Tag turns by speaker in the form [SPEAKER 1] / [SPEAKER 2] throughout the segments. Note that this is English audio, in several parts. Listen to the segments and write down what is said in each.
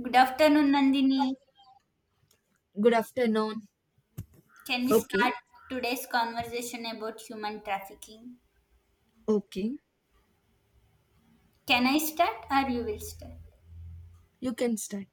[SPEAKER 1] Good afternoon, Nandini.
[SPEAKER 2] Good afternoon.
[SPEAKER 1] Can we
[SPEAKER 2] Okay.
[SPEAKER 1] start today's conversation about human trafficking?
[SPEAKER 2] Okay.
[SPEAKER 1] Can I start or you will start?
[SPEAKER 2] You can start.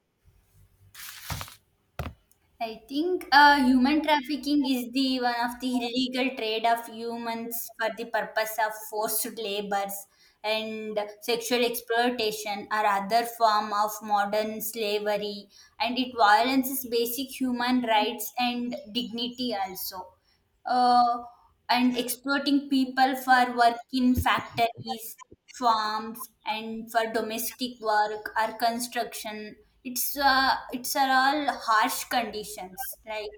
[SPEAKER 1] I think human trafficking is the one of the illegal trade of humans for the purpose of forced labors and sexual exploitation or other form of modern slavery, and it violates basic human rights and dignity also uh, and exploiting people for work in factories, farms, and for domestic work or construction. It's are all harsh conditions like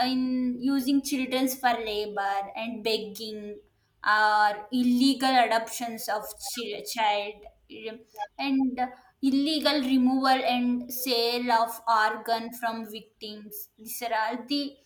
[SPEAKER 1] in using childrens for labor and begging or illegal adoptions of child, and illegal removal and sale of organ from victims. These are all the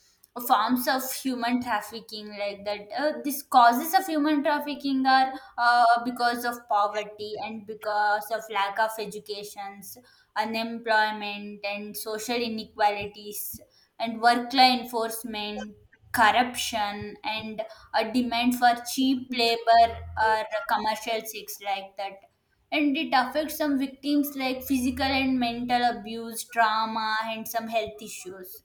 [SPEAKER 1] forms of human trafficking like that. These causes of human trafficking are because of poverty and because of lack of educations, unemployment and social inequalities, and work law enforcement, corruption, and a demand for cheap labor or commercial sex like that. And it affects some victims like physical and mental abuse, trauma, and some health issues,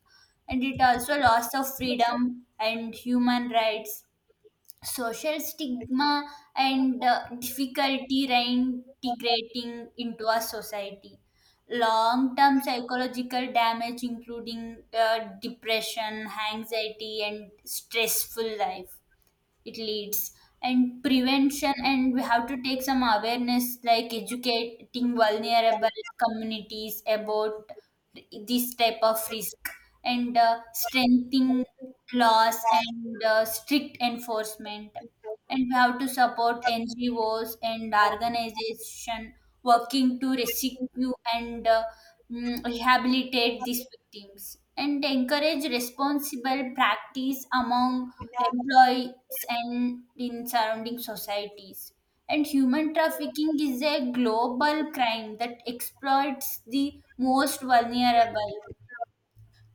[SPEAKER 1] and it also loss of freedom and human rights, social stigma, and difficulty reintegrating into a society, long term psychological damage including depression, anxiety, and stressful life it leads. And prevention, and we have to take some awareness like educating vulnerable communities about this type of risk, and strengthening laws, and strict enforcement. And we have to support NGOs and organization working to rescue and rehabilitate these victims, and encourage responsible practice among employees and in surrounding societies. And human trafficking is a global crime that exploits the most vulnerable.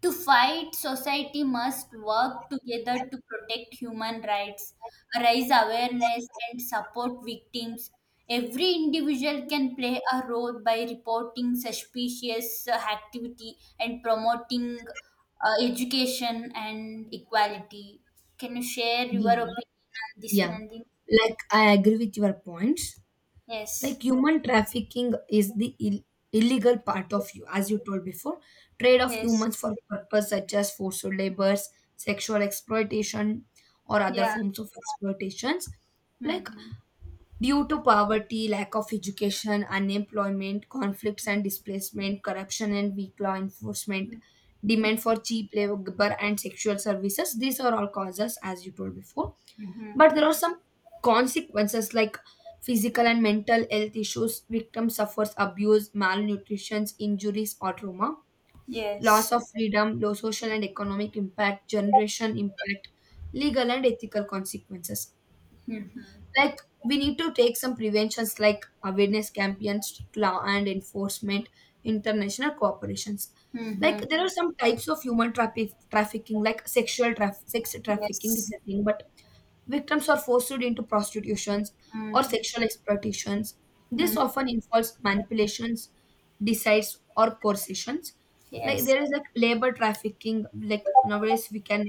[SPEAKER 1] To fight, society must work together to protect human rights, raise awareness, and support victims. Every individual can play a role by reporting suspicious activity and promoting education and equality. Can you share your
[SPEAKER 2] Yeah.
[SPEAKER 1] opinion on this,
[SPEAKER 2] Yeah.
[SPEAKER 1] Nandini?
[SPEAKER 2] Like I agree with your points.
[SPEAKER 1] Yes,
[SPEAKER 2] Like human trafficking is the illegal part of you, as you told before, trade of
[SPEAKER 1] yes,
[SPEAKER 2] humans for purpose such as forced labors, sexual exploitation, or other
[SPEAKER 1] yeah.
[SPEAKER 2] forms of exploitations. Like
[SPEAKER 1] Mm-hmm.
[SPEAKER 2] due to poverty, lack of education, unemployment, conflicts and displacement, corruption and weak law enforcement, demand for cheap labor and sexual services. These are all causes, as you told before.
[SPEAKER 1] Mm-hmm.
[SPEAKER 2] But there are some consequences like physical and mental health issues. Victim suffers abuse, malnutrition, injuries, or trauma. Loss
[SPEAKER 1] Yes.
[SPEAKER 2] of freedom, low social and economic impact, generation impact, legal and ethical consequences,
[SPEAKER 1] Mm-hmm.
[SPEAKER 2] like we need to take some preventions like awareness campaigns, strict law and enforcement, international cooperations. Like
[SPEAKER 1] Mm-hmm.
[SPEAKER 2] there are some types of human trafficking, like sex trafficking is
[SPEAKER 1] Yes.
[SPEAKER 2] nothing but victims are forced into prostitutions or
[SPEAKER 1] Mm-hmm.
[SPEAKER 2] sexual exploitations. This often involves manipulations, decides, or coercitions. Like
[SPEAKER 1] Yes.
[SPEAKER 2] there is like labor trafficking. Like nowadays we can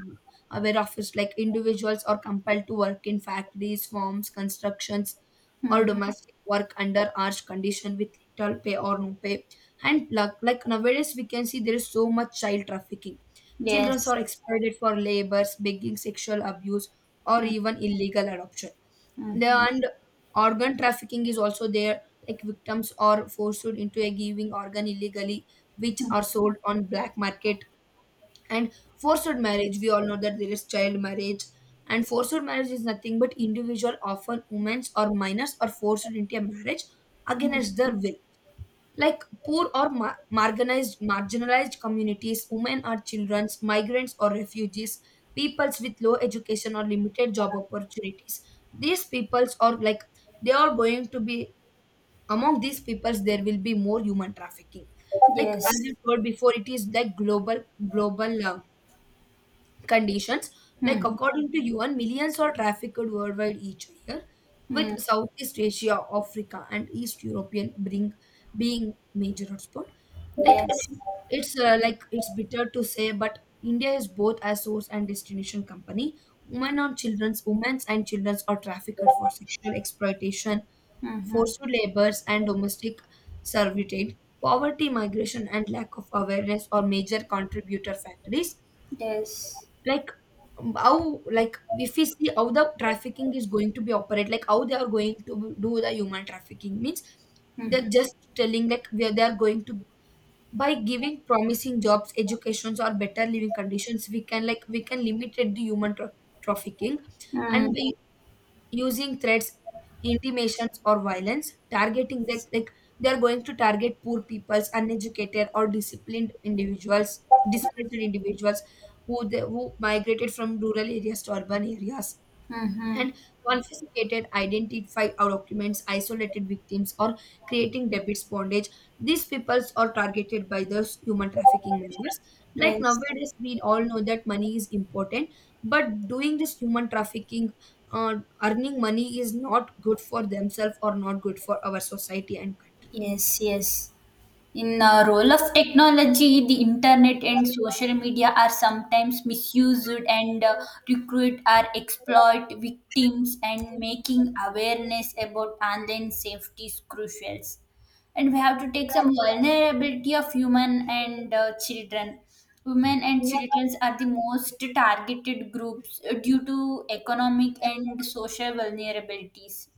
[SPEAKER 2] aware of is like individuals are compelled to work in factories, farms, constructions, or
[SPEAKER 1] Hmm.
[SPEAKER 2] domestic work under harsh condition with little pay or no pay. And like, nowadays we can see there is so much child trafficking. Children
[SPEAKER 1] Yes.
[SPEAKER 2] are exploited for labors, begging, sexual abuse, or even illegal adoption. There
[SPEAKER 1] Mm-hmm.
[SPEAKER 2] and organ trafficking is also there, like victims are forced into a giving organ illegally, which are sold on black market. And forced marriage, we all know that there is child marriage. And forced marriage is nothing but individual, often women or minors, are forced into a marriage against their will, like poor or marginalized communities, women or children, migrants or refugees, peoples with low education or limited job opportunities. These peoples are like they are going to be, among these peoples there will be more human trafficking. Like
[SPEAKER 1] Yes.
[SPEAKER 2] as you told before, it is like global, conditions, like
[SPEAKER 1] Mm-hmm.
[SPEAKER 2] according to UN, millions are trafficked worldwide each year, with southeast asia, africa, and east european bring being major hotspot. Like
[SPEAKER 1] Yes.
[SPEAKER 2] it's like it's bitter to say, but India is both a source and destination company. Women's and children's are trafficked for sexual exploitation,
[SPEAKER 1] Mm-hmm.
[SPEAKER 2] forced labors, and domestic servitude. Poverty, migration, and lack of awareness are major contributor factors.
[SPEAKER 1] Yes.
[SPEAKER 2] Like how, like if we see how the trafficking is going to be operate, like how they are going to do the human trafficking means they're just telling like where they are going to, by giving promising jobs, educations, or better living conditions, we can, like we can limit the trafficking. And
[SPEAKER 1] Mm-hmm.
[SPEAKER 2] by using threats, intimations, or violence, targeting that, like they are going to target poor peoples, uneducated or disciplined individuals, displaced individuals who they, who migrated from rural areas to urban areas,
[SPEAKER 1] Mm-hmm.
[SPEAKER 2] and confiscated identify our documents, isolated victims, or creating debits bondage. These peoples are targeted by those human trafficking measures. Like
[SPEAKER 1] Yes.
[SPEAKER 2] nowadays, we all know that money is important, but doing this human trafficking, uh, earning money is not good for themselves or not good for our society and country.
[SPEAKER 1] Yes. Yes. In the role of technology, the internet and social media are sometimes misused and recruit or exploit victims, and making awareness about online safety is crucial. And we have to take some vulnerability of human and children. Women and children are the most targeted groups due to economic and social vulnerabilities.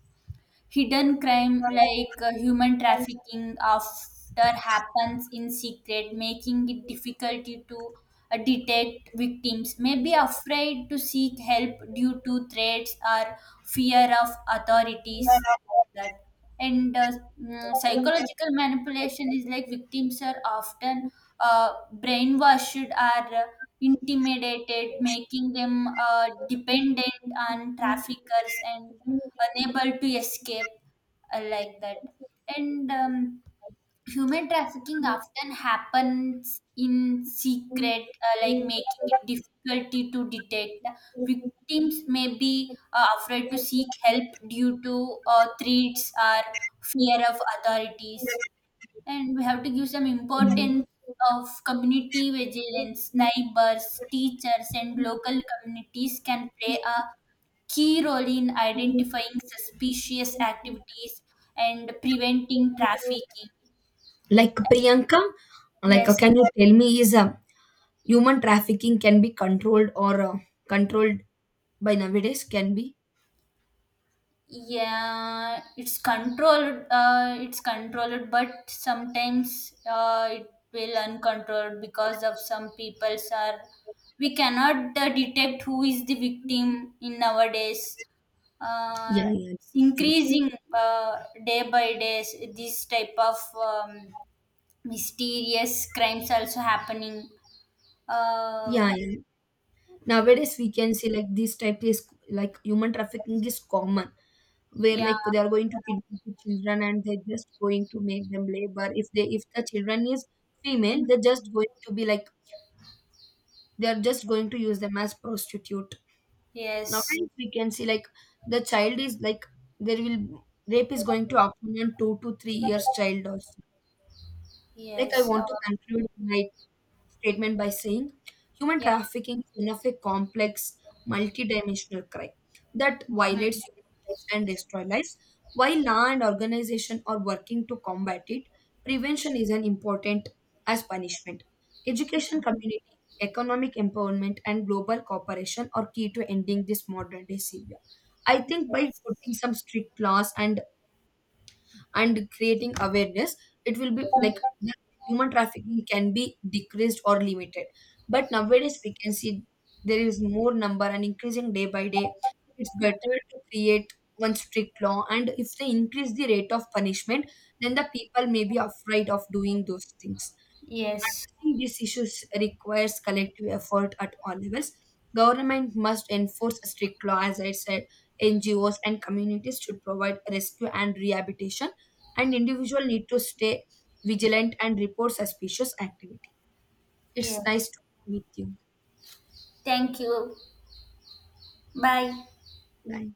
[SPEAKER 1] Hidden crime like human trafficking after happens in secret, making it difficult to detect victims. May be afraid to seek help due to threats or fear of authorities. That and uh, Psychological manipulation is like victims are often uh, brainwashed or uh, intimidated, making them dependent on traffickers and unable to escape like that and Human trafficking often happens in secret, like making it difficulty to detect. Victims may be afraid to seek help due to threats or fear of authorities. And we have to give some
[SPEAKER 2] Mhm.
[SPEAKER 1] importance of community vigilance. Neighbors, teachers, and local communities can play a key role in identifying suspicious activities and preventing trafficking.
[SPEAKER 2] Like Priyanka, like
[SPEAKER 1] Yes,
[SPEAKER 2] can you tell me, is human trafficking can be controlled, or controlled by nowadays? Can be.
[SPEAKER 1] yeah, it's controlled. It's controlled, but sometimes it will uncontrolled because of some people's are. We cannot detect who is the victim in nowadays, uh,
[SPEAKER 2] Yeah, yeah, true.
[SPEAKER 1] increasing day by day, this type of mysterious crimes also happening. uh,
[SPEAKER 2] Yeah, yeah. Nowadays we can see like this type is, like human trafficking is common, where
[SPEAKER 1] yeah.
[SPEAKER 2] like they are going to kidnap the children and they're just going to make them labor. If the children is female, they're just going to be like, they are just going to use them as prostitute.
[SPEAKER 1] Yes.
[SPEAKER 2] Nowadays we can see like the child is like there will rape is going to happen on 2 to 3 years child also. Like I
[SPEAKER 1] Yes.
[SPEAKER 2] want to conclude my statement by saying human
[SPEAKER 1] Yeah.
[SPEAKER 2] trafficking is one of a complex, multidimensional crime that
[SPEAKER 1] Mhm.
[SPEAKER 2] violates human rights and destroys lives. While law and organization are working to combat it, prevention is as important as punishment. Education community, economic empowerment, and global cooperation are key to ending this modern day severe. I think by putting some strict laws, and creating awareness, it will be like the human trafficking can be decreased or limited. But nowadays we can see there is more number and increasing day by day. It's better to create one strict law, and if they increase the rate of punishment, then the people may be afraid of doing those things.
[SPEAKER 1] Yes.
[SPEAKER 2] Addressing these issues requires collective effort at all levels. Government must enforce strict law, as I said. NGOs and communities should provide rescue and rehabilitation, and individual need to stay vigilant and report suspicious activity. It's nice
[SPEAKER 1] Yes,
[SPEAKER 2] talking with you.
[SPEAKER 1] thank you. Bye.
[SPEAKER 2] Bye.